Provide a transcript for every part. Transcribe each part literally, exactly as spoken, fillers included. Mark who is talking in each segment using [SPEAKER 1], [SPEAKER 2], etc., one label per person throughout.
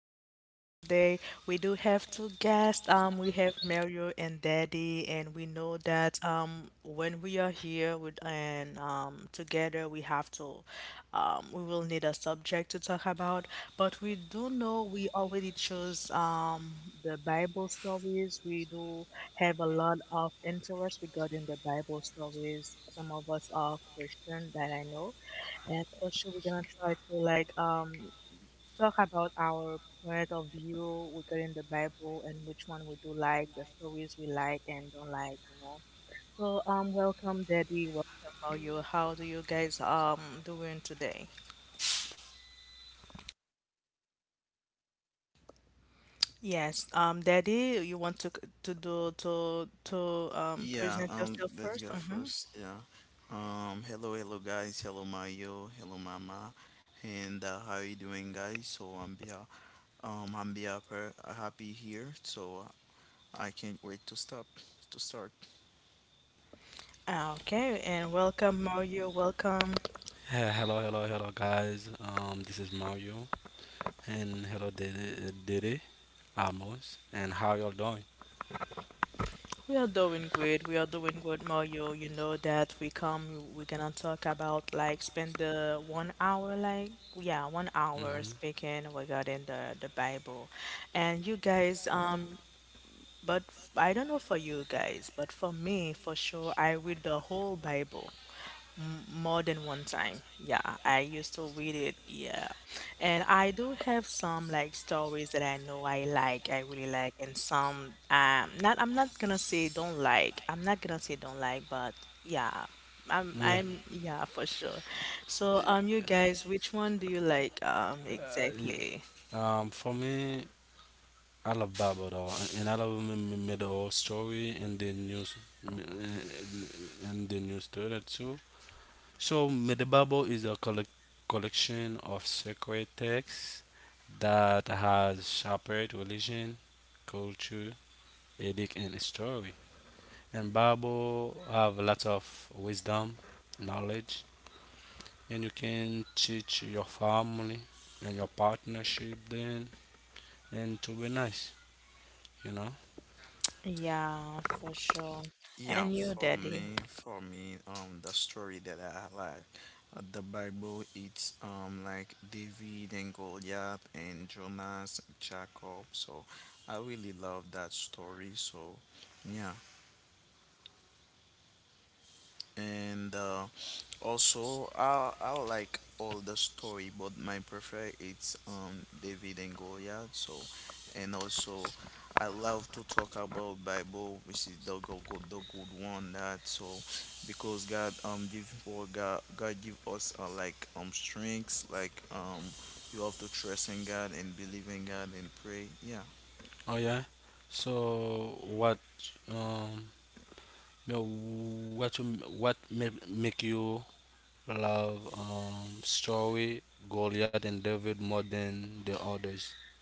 [SPEAKER 1] podcast today. We do have two guests. Um we have Mario and Daddy, and we know that um when we are here with and um together we have to um we will need a subject to talk about, but we do know we already chose um the Bible stories. We do have a lot of interest regarding the Bible stories. Some of us are Christian, that I know. And also, we're gonna try to like um talk about our point of view regarding the Bible and which one we do like, the stories we like and don't like, you know. So um, welcome, Daddy. Welcome, Mario. How do you guys um doing today? Yes, um, Daddy, you want to c- to do to to um present yourself first? Mm-hmm. Okay, and welcome, Mario. Welcome.
[SPEAKER 2] Uh, hello, hello, hello, guys. Um, this is Mario, and hello, Didi, Didi Amos, and how y'all doing?
[SPEAKER 1] We are doing great. We are doing good, Mario. You know that we come, we're gonna talk about like spend the one hour, like yeah, one hour
[SPEAKER 2] Hmm
[SPEAKER 1] speaking regarding the the Bible. And you guys, um, but f- I don't know for you guys, but for me, for sure, I read the whole Bible. M- More than one time. Yeah, I used to read it. Yeah. And I do have some like stories that I know I like, I really like, and some um not, I'm not gonna say don't like. I'm not gonna say don't like, but yeah. I'm
[SPEAKER 2] Yeah.
[SPEAKER 1] I'm yeah, for sure. So um you guys, which one do you like um exactly?
[SPEAKER 2] Uh, um, for me, I love Bible though, and I love me, me, me the whole story and the news, me- and the news story too. So, Medibabo is a collec collection of sacred texts that has shaped religion, culture, ethic, and history. And Bible have lots of wisdom, knowledge, and you can teach your family and your partnership then, and to be nice, you know.
[SPEAKER 1] Yeah, for sure. And you, Daddy.
[SPEAKER 2] Oh yeah. So what um, you know, what you, what ma- make you love um, story, Goliath and David more than the others.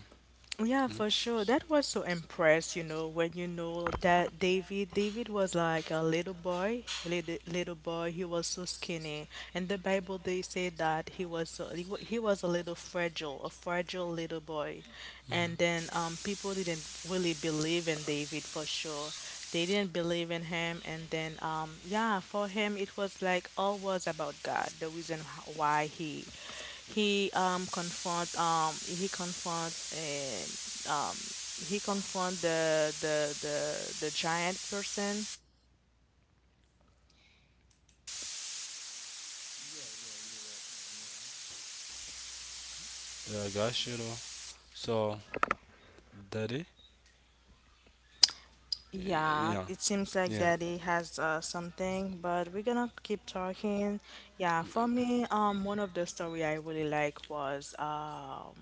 [SPEAKER 2] Uh,
[SPEAKER 1] Yeah, for
[SPEAKER 2] mm. Mm.
[SPEAKER 1] sure. That was so impressed, you know, when you know that David, David was like a little boy, little, little boy. He was so skinny. And the Bible, they say that he was so, he, wa- he was a little fragile, a fragile little boy. And then um people didn't really believe than David for sure. They didn't believe in him, and then um yeah, for him it was like all was about God. The reason h- why he he um confront um he confront um um he confront the the the the giant person.
[SPEAKER 2] Yeah, I got you though. So, daddy?
[SPEAKER 1] Yeah,
[SPEAKER 2] Yeah,
[SPEAKER 1] it seems like
[SPEAKER 2] yeah.
[SPEAKER 1] Daddy has uh, something, but we're gonna keep talking. Yeah, for me, um, one of the story I really like was um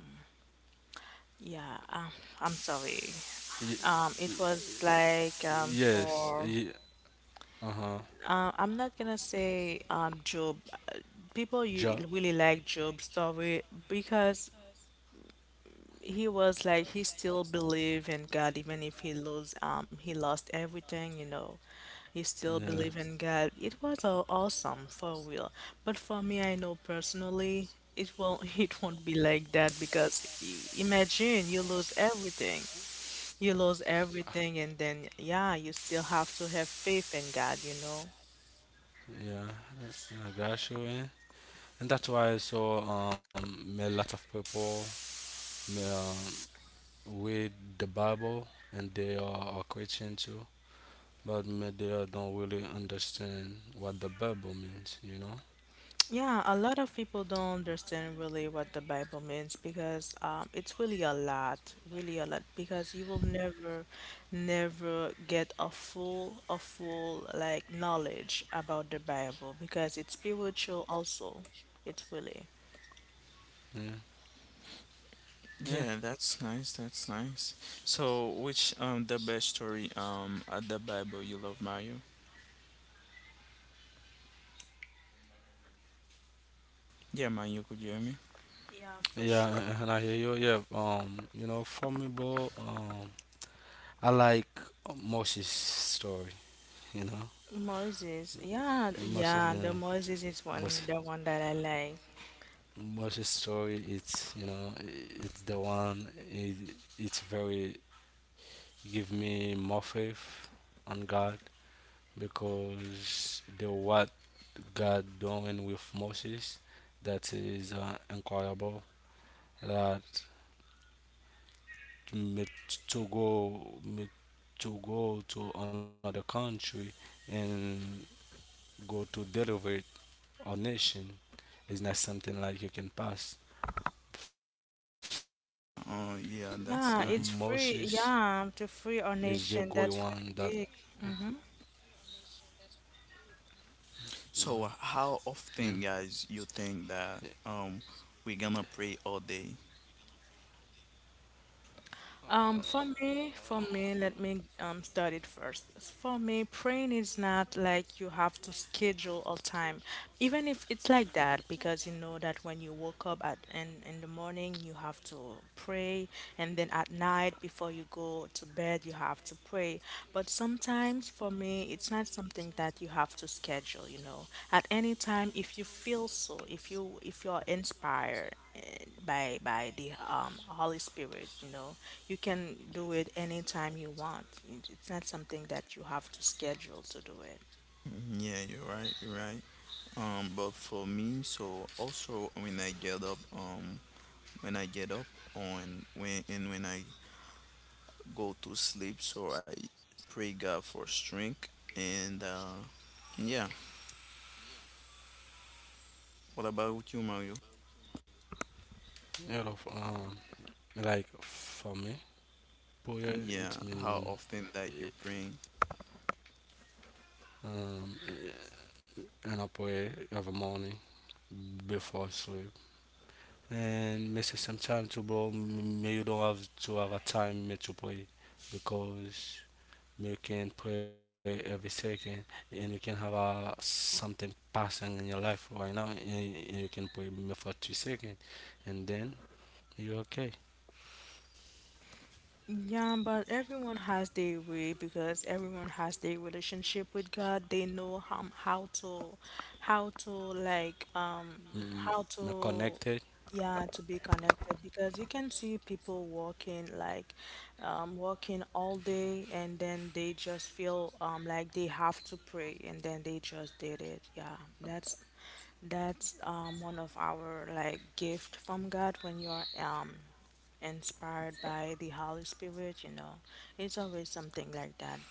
[SPEAKER 1] Yeah, um, I'm sorry.
[SPEAKER 2] Y-
[SPEAKER 1] Um,
[SPEAKER 2] y-
[SPEAKER 1] it was like um,
[SPEAKER 2] yes.
[SPEAKER 1] for
[SPEAKER 2] Y- uh huh.
[SPEAKER 1] uh, I'm not gonna say um, Job. Uh, people, you
[SPEAKER 2] Job.
[SPEAKER 1] really like Job's story because he was like he still believe in God even if he lost um he lost everything, you know. He still
[SPEAKER 2] Yeah.
[SPEAKER 1] believe in God. It was uh, awesome for real. But for me, I know personally, it won't it won't be like that because i- imagine you lose everything. You lose everything, and then, yeah, you still have to have faith in God, you know?
[SPEAKER 2] Yeah, I got you. Eh? And that's why I saw um made a lot of people me, um, read the Bible, and they are a Christian too, but me, they are don't really understand what the Bible means. You know.
[SPEAKER 1] Yeah, a lot of people don't understand really what the Bible means because um, it's really a lot, really a lot, because you will never, never get a full, a full like knowledge about the Bible because it's spiritual also. It's really.
[SPEAKER 2] Yeah, yeah.
[SPEAKER 3] Yeah, that's nice. That's nice. So, which um the best story um at the Bible you love, Mario? Yeah, Mario, could hear me?
[SPEAKER 1] Yeah, for
[SPEAKER 2] Yeah,
[SPEAKER 1] sure.
[SPEAKER 2] and and I hear you. Yeah, um, you know, for me, bro, um, I like Moshe's story. You know,
[SPEAKER 1] Moses, yeah,
[SPEAKER 2] Moshe,
[SPEAKER 1] yeah,
[SPEAKER 2] yeah,
[SPEAKER 1] the Moses is
[SPEAKER 2] Moshe,
[SPEAKER 1] one, the one that I like.
[SPEAKER 2] Moshe's story. It's you know, I- It's the one. It, it's very give me more faith on God because the what God doing with Moses, that is uh, incredible. That mm, to go mm, To go to another country and go to deliver our nation is not something like you can pass. For me, Moses
[SPEAKER 3] Oh, yeah, that's
[SPEAKER 2] is
[SPEAKER 1] Yeah,
[SPEAKER 2] the
[SPEAKER 3] nice.
[SPEAKER 1] it's
[SPEAKER 2] great
[SPEAKER 1] free.
[SPEAKER 2] one that
[SPEAKER 1] Yeah, to free our nation. That's really big. Hmm.
[SPEAKER 2] you
[SPEAKER 3] So, how often, guys, you think that um we're gonna pray all day?
[SPEAKER 2] know,
[SPEAKER 1] Um, for me, for me, let me um start it first. For me, praying is not like you have to schedule all time, even if it's like that, because you know that when you woke up at in in the morning, you have to pray, and then at night before you go to bed, you have to pray. But sometimes for me, it's not something that you have to schedule, you know. At any time, if you feel so, if you if you're inspired eh, by by the um Holy Spirit, you know, you can do it anytime you want. It- It's not something that you have to schedule to do it.
[SPEAKER 3] Yeah, you're right. You're right. Um, but for me, so also when I get up, um, when I get up on when and when I go to sleep, so I pray God for strength and uh, yeah. What about you, Mario?
[SPEAKER 2] you know f- um, like for me, prayer it
[SPEAKER 3] Yeah, how
[SPEAKER 2] means
[SPEAKER 3] often that you bring?
[SPEAKER 2] um, an prayer every morning before sleep. And misses some time too, bro. M- Me, you don't have to have a time me to play because me you can play every second, and you can have a something passing in your life right now, and, and you can play me for two seconds, and then you're okay.
[SPEAKER 1] Yeah, but everyone has their way because everyone has their relationship with God. They know how, how to, how to like, um,
[SPEAKER 2] Mm,
[SPEAKER 1] how
[SPEAKER 2] me
[SPEAKER 1] to,
[SPEAKER 2] connected,
[SPEAKER 1] yeah, to be connected because you can see people walking like, um, walking all day and then they just feel um like they have to pray and then they just did it. Yeah, that's that's um one of our like gift from God when you are um inspired by the Holy Spirit, you know. It's always something like that.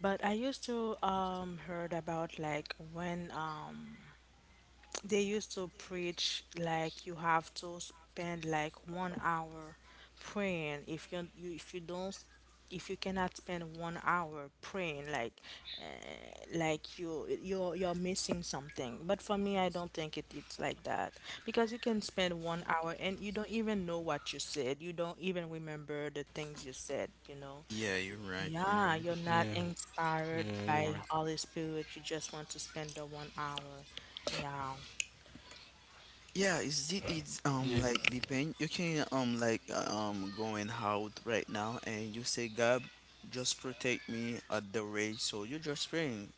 [SPEAKER 1] But I used to um heard about like when um they used to preach like you have to spend like one hour praying if you, you if you don't, if you cannot spend one hour praying like uh, like you you're you're missing something. But for me, I don't think it, it's like that, because you can spend one hour and you don't even know what you said. You don't even remember the things you said, you know.
[SPEAKER 3] Yeah, you're right, you're
[SPEAKER 1] Yeah,
[SPEAKER 3] right.
[SPEAKER 2] yeah,
[SPEAKER 1] you're not
[SPEAKER 2] yeah, you're
[SPEAKER 1] inspired
[SPEAKER 2] right,
[SPEAKER 1] by Holy Spirit, you just want to spend the one hour, yeah.
[SPEAKER 3] Yeah, it's it
[SPEAKER 2] yeah,
[SPEAKER 3] it's um like depend you can um like uh, um going out right now and you say God just protect me at the race, so you're just praying.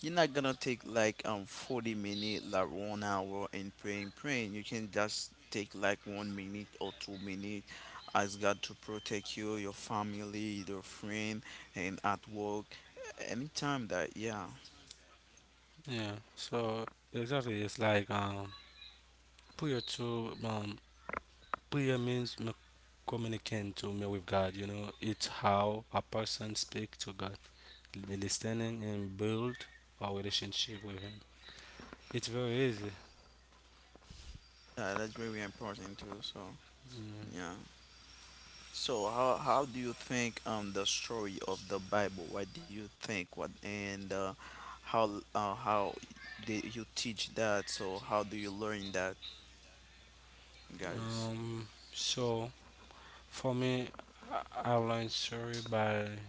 [SPEAKER 3] You're not gonna take like um forty minutes, like one hour in praying, praying. You can just take like one minute or two minutes. Ask God to protect you, your family, your friend, and at work. Anytime that, yeah,
[SPEAKER 2] yeah. So exactly, it's like um, put your two um prayer means m- communicating to me with God. You know, it's how a person speaks to God, listening and build our relationship with Him. It's very easy.
[SPEAKER 3] yeah, that's very important too. So
[SPEAKER 2] Mm.
[SPEAKER 3] yeah. So how how do you think um the story of the Bible? What do you think? What and uh, how uh, How did you teach that? So how do you learn that, guys?
[SPEAKER 2] Um, so for me, I I learned story by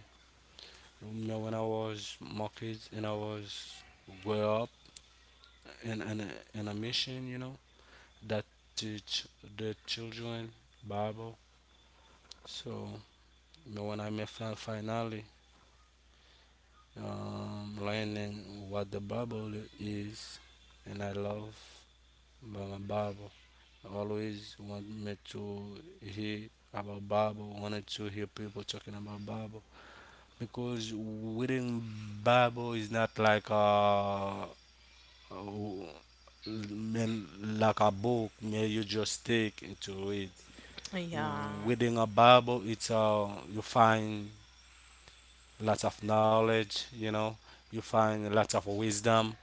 [SPEAKER 2] you know, when I was more kids and I was well up in in a, in a mission. You know, that teach the children Bible. So you know, when I met fin- finally um, learning what the Bible is, and I love my Bible. I always want me to hear about Bible. Wanted to hear people talking about Bible because reading Bible is not like a, a mean like a book where you just take it to read.
[SPEAKER 1] Yeah,
[SPEAKER 2] Reading a Bible, it's uh, you find lots of knowledge, you know, you find lots of wisdom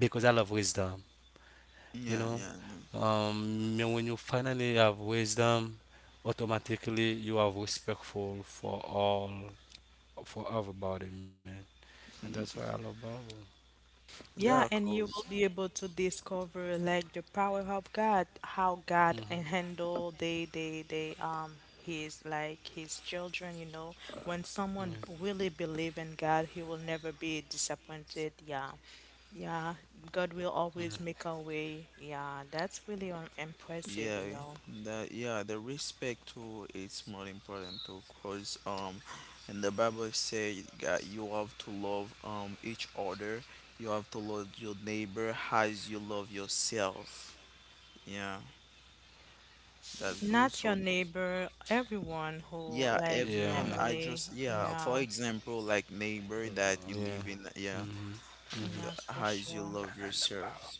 [SPEAKER 2] because I love wisdom, you
[SPEAKER 3] Yeah,
[SPEAKER 2] know.
[SPEAKER 3] yeah, yeah.
[SPEAKER 2] Um, and when you finally have wisdom, automatically you are respectful for all, for everybody, man. And that's why I
[SPEAKER 3] Mm.
[SPEAKER 2] love Bible, you know.
[SPEAKER 1] yeah,
[SPEAKER 3] Yeah,
[SPEAKER 1] and you will
[SPEAKER 3] cause
[SPEAKER 1] be able to discover like the power of God, how God
[SPEAKER 2] Hmm
[SPEAKER 1] and handle they they they um his like his children, you know. When someone b- really believe in God, he will never be disappointed. Yeah. Yeah, God will always make a way. Yeah, that's really um, impressive,
[SPEAKER 3] yeah,
[SPEAKER 1] you know.
[SPEAKER 3] that yeah, the respect too is more important too, cause um, and the Bible say that you have to love um each other, you have to love your neighbor as you love yourself. Yeah, that's good.
[SPEAKER 1] Not your
[SPEAKER 3] So
[SPEAKER 1] neighbor, everyone who
[SPEAKER 3] yeah,
[SPEAKER 1] like
[SPEAKER 3] everyone,
[SPEAKER 2] Yeah.
[SPEAKER 3] I
[SPEAKER 1] family.
[SPEAKER 3] just
[SPEAKER 2] Yeah.
[SPEAKER 3] yeah, for
[SPEAKER 1] Yeah,
[SPEAKER 3] example, like neighbor that you
[SPEAKER 2] Yeah.
[SPEAKER 3] live in, yeah,
[SPEAKER 2] Mm-hmm. Mm-hmm.
[SPEAKER 1] yes, for
[SPEAKER 3] as you
[SPEAKER 1] sure.
[SPEAKER 3] love yourself.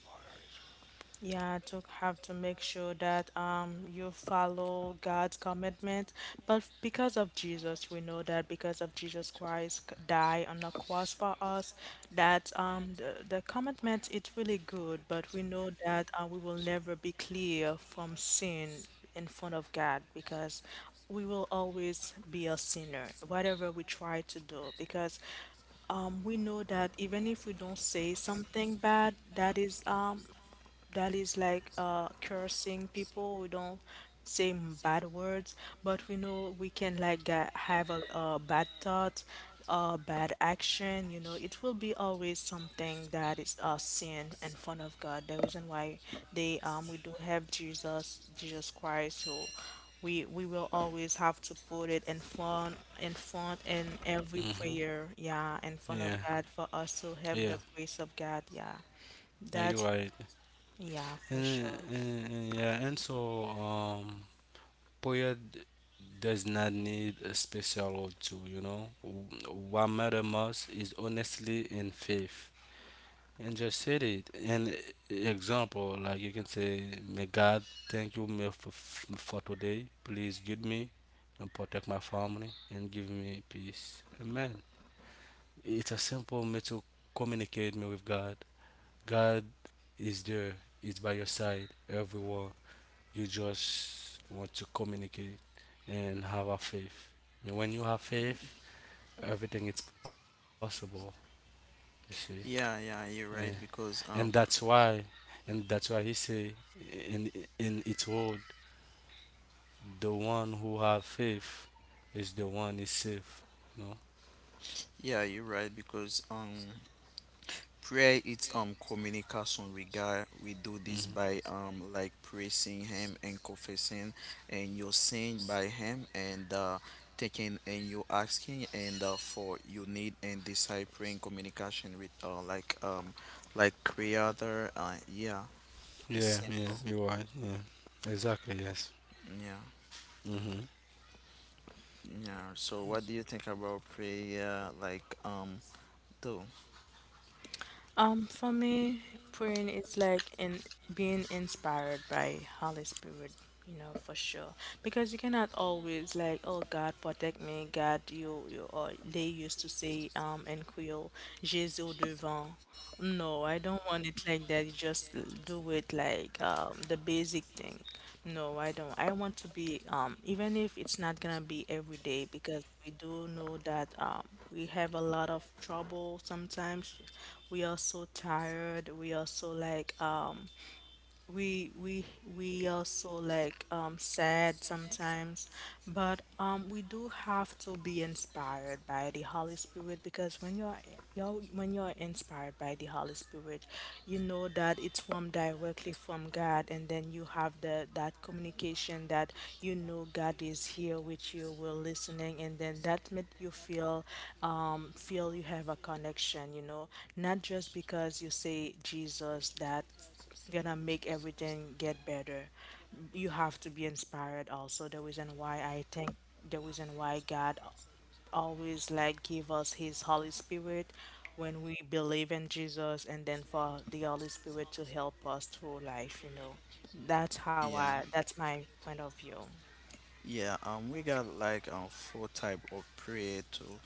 [SPEAKER 1] Yeah, to have to make sure that um you follow God's commitment. But because of Jesus, we know that because of Jesus Christ c- die on the cross for us, that um the, the commitment it's really good, but we know that uh, we will never be clear from sin in front of God because we will always be a sinner, whatever we try to do, because um, we know that even if we don't say something bad, that is um, that is like uh cursing people. We don't say m- bad words, but we know we can like get, have a, a bad thought, a bad action. You know, it will be always something that is a sin in front of God. The reason why they um we do have Jesus, Jesus Christ, who we we will always have to put it in front in front in every
[SPEAKER 2] Mm-hmm.
[SPEAKER 1] prayer, yeah, in front
[SPEAKER 2] Yeah.
[SPEAKER 1] of God for us to
[SPEAKER 2] Yeah.
[SPEAKER 1] have the grace of God, yeah.
[SPEAKER 2] Yeah, you're
[SPEAKER 1] That's
[SPEAKER 2] right.
[SPEAKER 1] yeah, for
[SPEAKER 2] And,
[SPEAKER 1] sure.
[SPEAKER 2] and, yeah, and so um, prayer d- does not need a special or two, you know. W- What matter most is honestly in faith. And just said it. An example, like you can say, may God thank you me for, for today. Please guide me and protect my family and give me peace. Amen. It's a simple way to communicate me with God. God is there, is by your side everywhere. You just want to communicate and have a faith. And when you have faith, everything is possible. You see,
[SPEAKER 3] Yeah, yeah,
[SPEAKER 2] and,
[SPEAKER 3] you're right
[SPEAKER 2] and
[SPEAKER 3] because
[SPEAKER 2] that's
[SPEAKER 3] um,
[SPEAKER 2] why, and that's why he say in in its word, the one who have faith is the one is safe. You know.
[SPEAKER 3] yeah, you're right because um. Prayer is um communication with God. We do this
[SPEAKER 2] Hmm
[SPEAKER 3] by um like praising Him and confessing and your sin by Him and uh taking and you asking and uh, for your need and discipling communication with uh like um like Creator. Uh yeah, it's
[SPEAKER 2] Yeah,
[SPEAKER 3] simple.
[SPEAKER 2] yeah, you're right. Yeah, exactly. Yes.
[SPEAKER 3] Yeah,
[SPEAKER 2] hmm
[SPEAKER 3] yeah. So what do you think about prayer? Like um do?
[SPEAKER 1] Um, for me, praying is like in being inspired by Holy Spirit, you know, for sure. Because you cannot always like, oh God, protect me, God, you, you, or they used to say, um, in Creole, Jésus au devant. No, I don't want it like that. You just l- do it like um, the basic thing. No, I don't. I want to be um, even if it's not gonna be every day, because we do know that um, we have a lot of trouble sometimes. We are so tired. We are so like um, we we we also like um sad sometimes, but um we do have to be inspired by the Holy Spirit because when you're you're when you're inspired by the Holy Spirit, you know that it's from directly from God, and then you have the that communication that you know God is here with you, we're listening, and then that make you feel um feel you have a connection, you know, not just because you say Jesus that gonna make everything get better. You have to be inspired also. The reason why I think the reason why God always like give us his Holy Spirit when we believe in Jesus, and then for the Holy Spirit to help us through life, you know. That's how
[SPEAKER 3] Yeah.
[SPEAKER 1] I That's my point of view.
[SPEAKER 3] Yeah, um, we got like um four type of prayer too.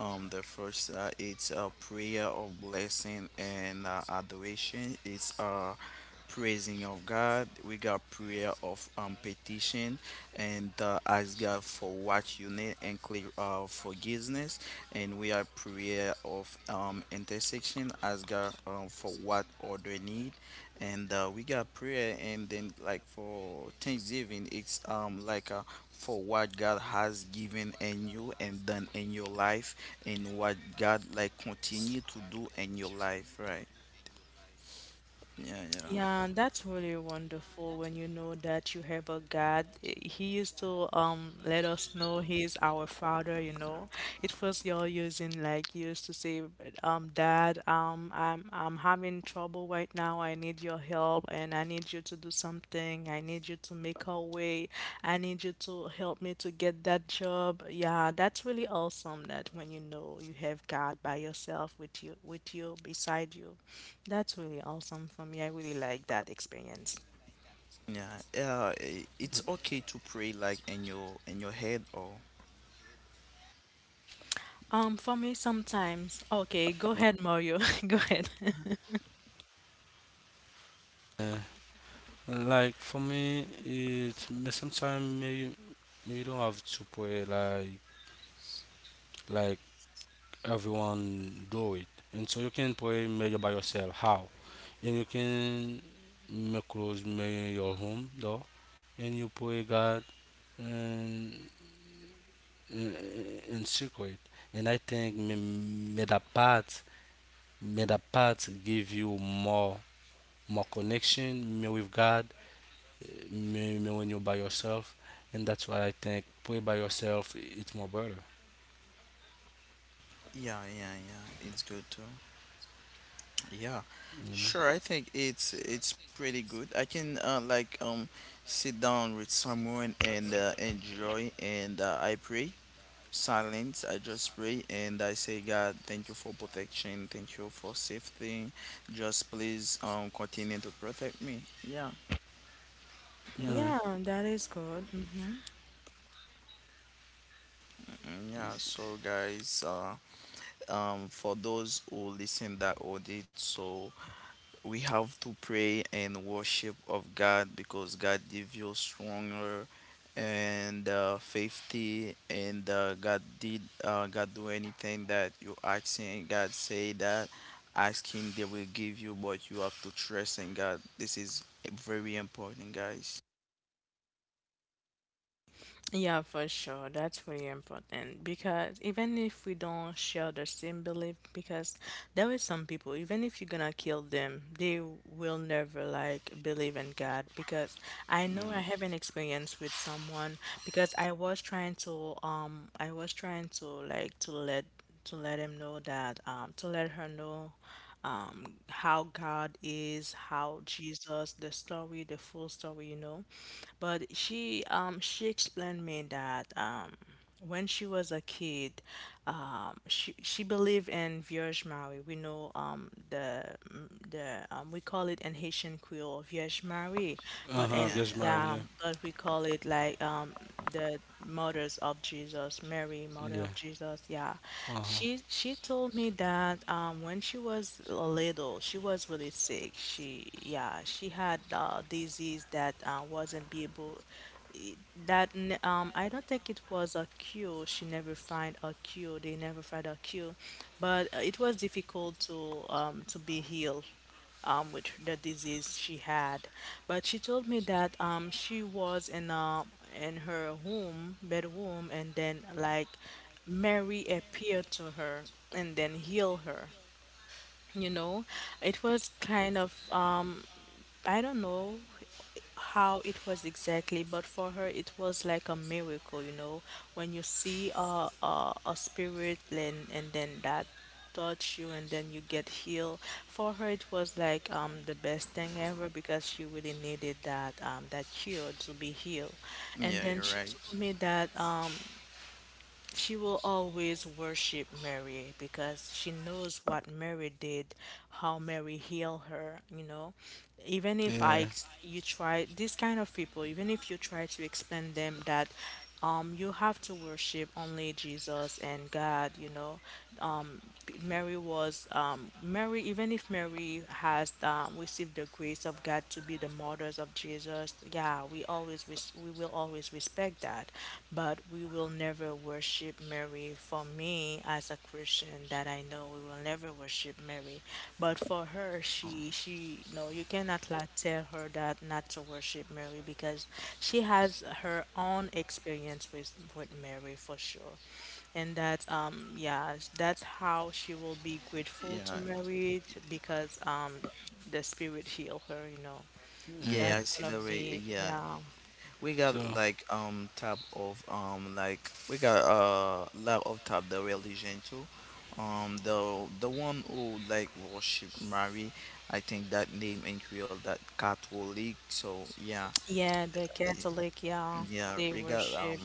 [SPEAKER 3] Um, the first uh, it's a prayer of blessing and uh, adoration. It's uh praising of God. We got prayer of um petition and uh, ask God for what you need and clear uh, forgiveness, and we are prayer of um, intersection, ask God um, for what order need, and uh, we got prayer and then like for thanksgiving, it's um like uh, for what God has given in you and done in your life and what God like continue to do in your life, right? Yeah, yeah,
[SPEAKER 1] Yeah, that's really wonderful when you know that you have a God. Eh, he used to um let us know he's our father, you know. It was y'all using like you used to say, um, Dad, um, I'm I'm having trouble right now. I need your help and I need you to do something. I need you to make a way. I need you to help me to get that job. Yeah, that's really awesome that when you know you have God by yourself, with you, with you beside you. That's really awesome. For me, I really like that experience.
[SPEAKER 3] yeah, yeah. I- it's okay to pray like in your in your head or
[SPEAKER 1] Um, for me, sometimes. Okay, go ahead, Mario. Go ahead.
[SPEAKER 2] Yeah. Like for me, it sometimes you, you don't have to pray like like everyone do it, and so you can play mayor by yourself how, and you can make close mayor your home door and you play god and in, in secret, and I think me- me that part may that part give you more more connection me with god, eh, me, me when you're by yourself, and that's why I think play by yourself it's more better.
[SPEAKER 3] yeah, yeah, yeah, it's good too. Yeah, sure. I think it's it's pretty good. I can uh, like um sit down with someone and uh, enjoy and uh, I pray silence. I just pray and I say, God, thank you for protection. Thank you for safety. Just please um continue to protect me. Yeah, yeah,
[SPEAKER 2] Yeah.
[SPEAKER 1] Yeah, that is good. Mm-hmm.
[SPEAKER 3] mm, yeah. So guys, uh, um, for those who listen that audit, so we have to pray and worship of God because God gives you stronger and uh, faithful, and uh, God did uh, God do anything that you asking. God say that ask him, they will give you, but you have to trust in God. This is very important, guys.
[SPEAKER 1] Yeah, for sure. That's really important because even if we don't share the same belief, because there is some people, even if you're gonna kill them, they will never like believe in God. Because I know I
[SPEAKER 3] Mm,
[SPEAKER 1] have an experience with someone, because I was trying to um I was trying to like to let to let him know that um to let her know um how God is, how Jesus, the story, the full story, you know. But she um she explained me that um when she was a kid, um, she she believed in Vierge Marie. We know um, the mm, the um, we call it in Haitian Creole Vierge Marie, but
[SPEAKER 2] Uh-huh,
[SPEAKER 1] and
[SPEAKER 2] virgin
[SPEAKER 3] yeah,
[SPEAKER 2] mary,
[SPEAKER 1] yeah,
[SPEAKER 2] yeah,
[SPEAKER 1] but we call it like um, the mothers of Jesus, Mary, mother
[SPEAKER 2] yeah,
[SPEAKER 1] of Jesus. Yeah,
[SPEAKER 2] uh-huh.
[SPEAKER 1] she she told me that um, when she was little, she was really sick. She yeah, she had uh, disease that uh, wasn't be able it- that n- um I don't think it was a cure. She never find a cure. They never find a cure, but uh, it was difficult to um to be healed um with the disease she had. But she told me that um she was in uh in her home bedroom and then like Mary appeared to her and then healed her. You know, it was kind of I don't know how it was exactly, but for her it was like a miracle, you know, when you see a a, a spirit and and then that touch you and then you get healed. For her it was like um the best thing ever because she really needed that um that cure to be healed.
[SPEAKER 3] yeah,
[SPEAKER 1] And
[SPEAKER 3] yeah,
[SPEAKER 1] then
[SPEAKER 3] you're
[SPEAKER 1] she
[SPEAKER 3] right,
[SPEAKER 1] told me that she will always worship Mary because she knows what Mary did, how Mary healed her, you know. Even if I ex-
[SPEAKER 2] Yeah,
[SPEAKER 1] you try these kind of people, even if you try to explain them that um you have to worship only Jesus and God, you know. Um B- Mary was um, Mary, even if Mary has um, received the grace of God to be the martyrs of Jesus, yeah, we always res we will always respect that, but we will never worship Mary. For me, as a Christian, that I know, we will never worship Mary. But for her, she she no, you cannot like tell her that not to worship Mary because she has her own experience with with Mary for sure, and that um yeah, that's how she will be grateful to
[SPEAKER 3] yeah,
[SPEAKER 1] Mary t- because um the spirit heal her, you know.
[SPEAKER 3] yeah,
[SPEAKER 1] That's
[SPEAKER 3] I see
[SPEAKER 1] one
[SPEAKER 3] the
[SPEAKER 2] yeah.
[SPEAKER 1] of
[SPEAKER 3] way,
[SPEAKER 1] the
[SPEAKER 3] yeah.
[SPEAKER 1] yeah
[SPEAKER 3] We got like
[SPEAKER 2] So,
[SPEAKER 3] um type of um like we got a lot of type the religion too. Um the the one who like worship Mary, I think that name in Creole that Catholic. So yeah,
[SPEAKER 1] yeah, the
[SPEAKER 3] eh,
[SPEAKER 1] Catholic, yeah,
[SPEAKER 3] yeah,
[SPEAKER 1] they
[SPEAKER 3] we got um,
[SPEAKER 1] worship.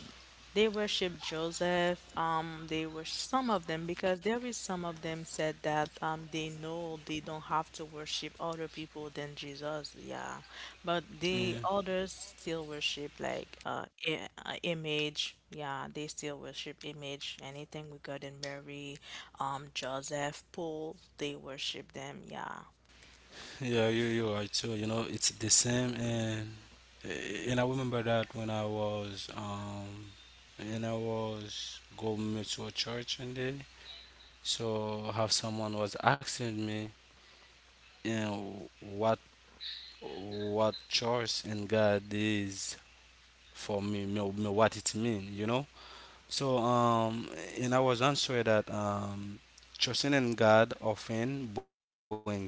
[SPEAKER 1] They worship Joseph. Um, they were some of them because there is some of them said that um they know they don't have to worship other people than Jesus. Yeah, but the
[SPEAKER 2] yeah,
[SPEAKER 1] others still worship like uh, i- uh image. Yeah, they still worship image. Anything regarding Mary, um, Joseph, Paul, they worship them. Yeah.
[SPEAKER 2] yeah, you you're right too. You know, it's the same, and and I remember that when I was um, and I was going to a church one day. So, have someone was asking me, you know, what what church and God is for me, me, me what it mean, you know. So, um, and I was answered that um, trusting in God often bring peace,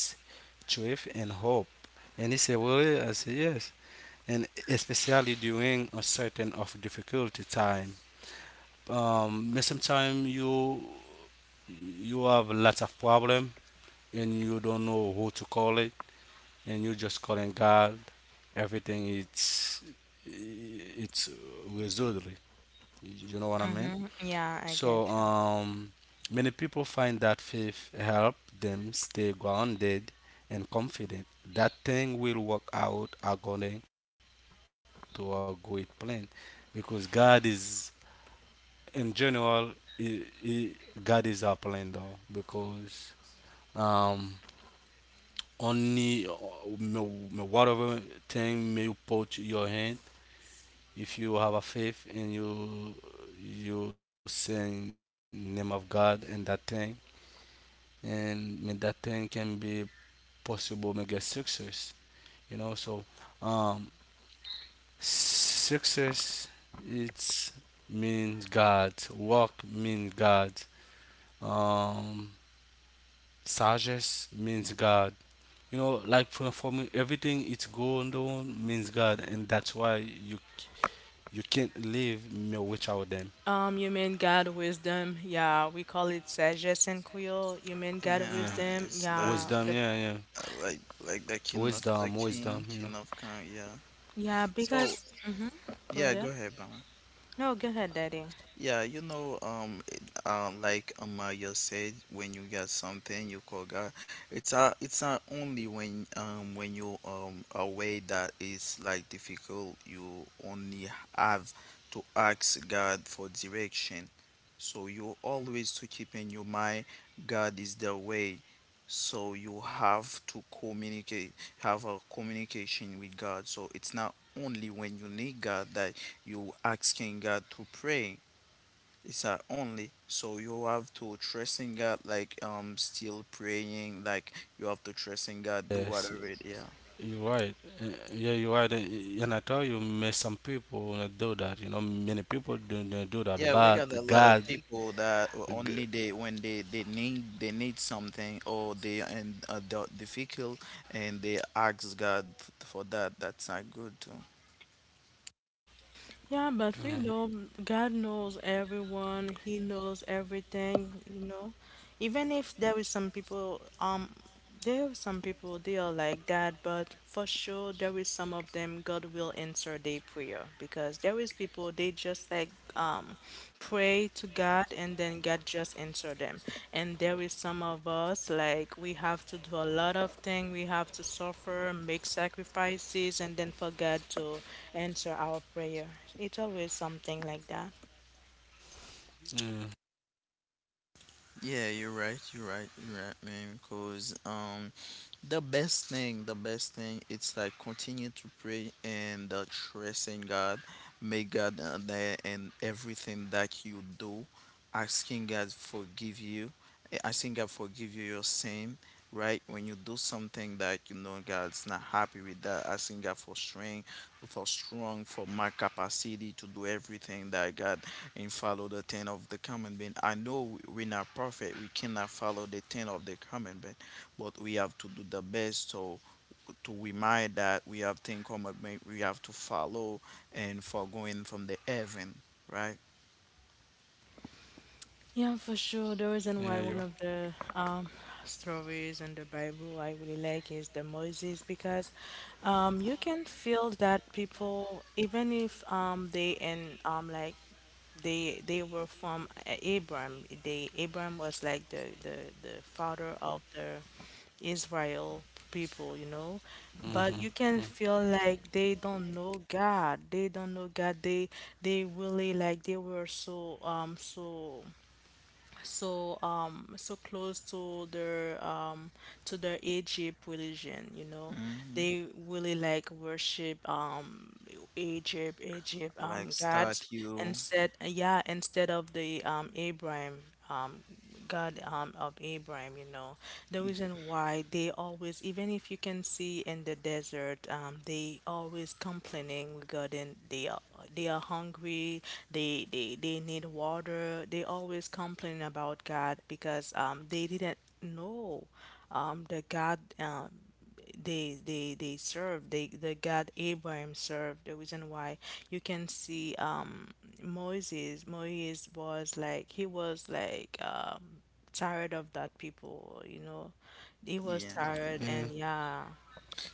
[SPEAKER 2] truth, and hope. And he said, "Really?" I said, "Yes." And especially during a certain of difficulty time. Um, but sometimes you you have lots of problem and you don't know who to call it, and you just calling God. Everything it's it's resolved. You know what I mean?
[SPEAKER 1] Mm-hmm. Yeah, I get
[SPEAKER 2] So, um, many people find that faith help them stay grounded and confident. That thing will work out according to a great plan, because God is, in general, i i God is our plan though, because um, only uh, m- m- whatever thing may you put your hand, if you have a faith and you you say name of God and that thing and mean that thing can be possible may get success, you know. So um success it's means god work means god, um suggest means god, you know, like for, for me everything it's going on means god, and that's why you you can't live me without them.
[SPEAKER 1] Um, you mean God wisdom? Yeah, we call it sages in Creole. You mean God
[SPEAKER 3] yeah,
[SPEAKER 2] Yeah,
[SPEAKER 1] wisdom?
[SPEAKER 3] it's like
[SPEAKER 1] Yeah,
[SPEAKER 2] wisdom,
[SPEAKER 1] the
[SPEAKER 2] yeah, yeah,
[SPEAKER 3] uh, like like the king of the
[SPEAKER 2] wisdom,
[SPEAKER 3] king,
[SPEAKER 2] wisdom,
[SPEAKER 3] king
[SPEAKER 2] you know.
[SPEAKER 3] of king. Yeah.
[SPEAKER 1] yeah
[SPEAKER 3] So
[SPEAKER 1] because mm-hmm. Go ahead.
[SPEAKER 3] yeah,
[SPEAKER 1] Yeah.
[SPEAKER 3] go ahead, Mama.
[SPEAKER 1] No, go ahead, Daddy.
[SPEAKER 3] Yeah, you know, um, it- uh, like Amaya said, when you get something, you call God. It's not, it's not only when, um, when you um away that is like difficult. You only have to ask God for direction. So you always to keep in your mind, God is the way. So you have to communicate, have a communication with God. So it's not only when you need God that you asking God to pray, it's uh, only so you have to trust in God, like um, still praying, like you have to trust in
[SPEAKER 2] Yes,
[SPEAKER 3] God, do whatever it, yeah.
[SPEAKER 2] you're right. Uh, Yeah, you're right. Uh, And I tell you, may some people not do that. You know, many people do not do that.
[SPEAKER 3] Yeah, we
[SPEAKER 2] But
[SPEAKER 3] got a lot of
[SPEAKER 2] God,
[SPEAKER 3] people that
[SPEAKER 2] g-
[SPEAKER 3] only they when they they need, they need something or they and uh, the difficult, and they ask God f- for that. That's not good too.
[SPEAKER 2] yeah,
[SPEAKER 1] Yeah, but we know God knows everyone. He knows everything, you know. Even if there is some people, um, there are some people they are like that, but for sure there is some of them God will answer their prayer because there is people they just like um pray to God and then God just answer them. And there is some of us like we have to do a lot of things, we have to suffer, make sacrifices, and then for God to answer our prayer. It's always something like that.
[SPEAKER 2] yeah,
[SPEAKER 3] Yeah, you're right. You're right. You're right, man. Because um, the best thing, the best thing, it's like continue to pray and uh, trust in God. Make God uh, there and everything that you do, asking God forgive you, eh, asking God forgive you your sin. Right, when you do something that you know God's not happy with that, asking God for strength, for strong, for my capacity to do everything that God, and follow the ten of the common being. I know we're not perfect. We cannot follow the ten of the common being, but we have to do the best, so to remind that we have ten commandment we have to follow and for going from the heaven, right,
[SPEAKER 1] Yeah, for sure. The reason why one of
[SPEAKER 2] yeah, you're.
[SPEAKER 1] the um, stories in the Bible I really like is the Moses because um, you can feel that people, even if um, they and um, like they they were from A- Abraham, they Abraham was like the the the father of the Israel people, you know.
[SPEAKER 2] Mm-hmm.
[SPEAKER 1] But you
[SPEAKER 2] Mm.
[SPEAKER 1] can feel like they don't know God. They don't know God. They they really like they were so um so so um so close to their um to their Egypt religion, you know. They really like worship um Egypt Egypt
[SPEAKER 3] like
[SPEAKER 1] um
[SPEAKER 3] start
[SPEAKER 1] gods
[SPEAKER 3] you,
[SPEAKER 1] and said yeah instead of the um Abraham um God um, of Abraham, you know, the reason why they always, even if you can see in the desert, um, they always complaining regarding they are they are hungry, they they they need water. They always complain about God because um they didn't know um the God um they they they served they the god Abraham served, the reason why you can see um Moses Moses was like he was like um tired of that people, you know, he was
[SPEAKER 3] yeah,
[SPEAKER 1] tired and
[SPEAKER 2] Yeah.
[SPEAKER 1] yeah.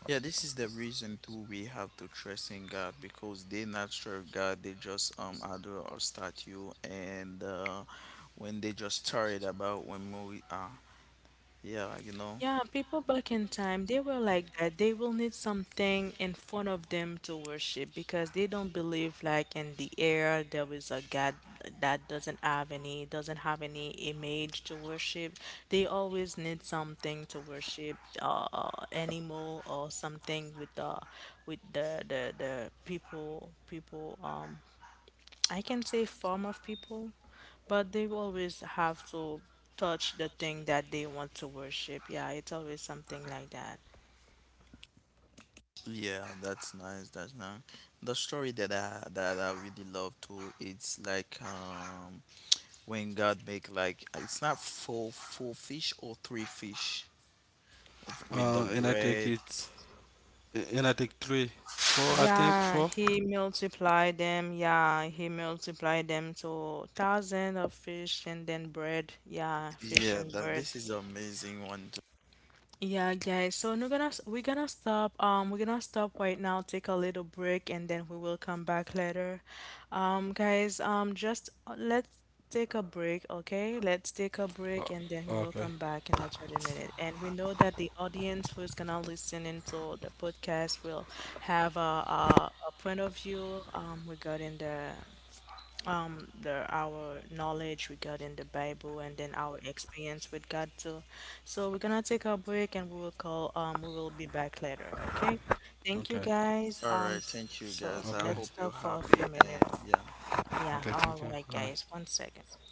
[SPEAKER 3] yeah. This is the reason too, we have to trust in God, because they not sure God, they just um adore or statue, and uh when they just started about when we are, yeah, you know,
[SPEAKER 1] Yeah, people back in time, they were like that. They will need something in front of them to worship because they don't believe like in the air there is a God that doesn't have any doesn't have any image to worship. They always need something to worship, uh, uh, animal or something with the with the the the people people um I can say form of people, but they will always have to touch the thing that they want to worship. Yeah, it's always something like that.
[SPEAKER 3] yeah, that's nice, that's nice. The story that I that I really love too, it's like um, when God make, like it's not four four fish or three fish with
[SPEAKER 2] Uh,
[SPEAKER 3] the
[SPEAKER 2] and I think
[SPEAKER 3] bread.
[SPEAKER 2] it's. And I think three, four. I think
[SPEAKER 1] Yeah,
[SPEAKER 2] four.
[SPEAKER 1] he multiplied them. Yeah, he multiplied them to thousand of fish and then bread. Yeah, fish
[SPEAKER 3] Yeah,
[SPEAKER 1] and
[SPEAKER 3] that
[SPEAKER 1] bread.
[SPEAKER 3] this is amazing one.
[SPEAKER 1] Yeah, guys. So we're gonna we're gonna stop. Um, we're gonna stop right now. Take a little break, and then we will come back later. Um, guys. Um, just uh, let's take a break, okay? Let's take a break, and then we will
[SPEAKER 2] Okay.
[SPEAKER 1] come back in a thirty minute. And we know that the audience who's gonna listen into the podcast will have a a, a point of view um regarding the um the our knowledge regarding the Bible and then our experience with God too. So we're gonna take a break and we will call um we will be back later, okay? Thank you
[SPEAKER 2] Okay.
[SPEAKER 1] guys.
[SPEAKER 3] All
[SPEAKER 1] Um
[SPEAKER 3] right,
[SPEAKER 1] s-
[SPEAKER 3] thank you
[SPEAKER 1] so
[SPEAKER 3] guys. I
[SPEAKER 2] Okay.
[SPEAKER 3] hope
[SPEAKER 1] let's
[SPEAKER 3] you're
[SPEAKER 1] stop for a
[SPEAKER 3] happy,
[SPEAKER 1] few
[SPEAKER 3] and
[SPEAKER 1] minutes.
[SPEAKER 3] yeah.
[SPEAKER 1] Yeah,
[SPEAKER 2] Okay.
[SPEAKER 1] all
[SPEAKER 2] Thank you.
[SPEAKER 1] right guys,
[SPEAKER 2] Uh,
[SPEAKER 1] one second.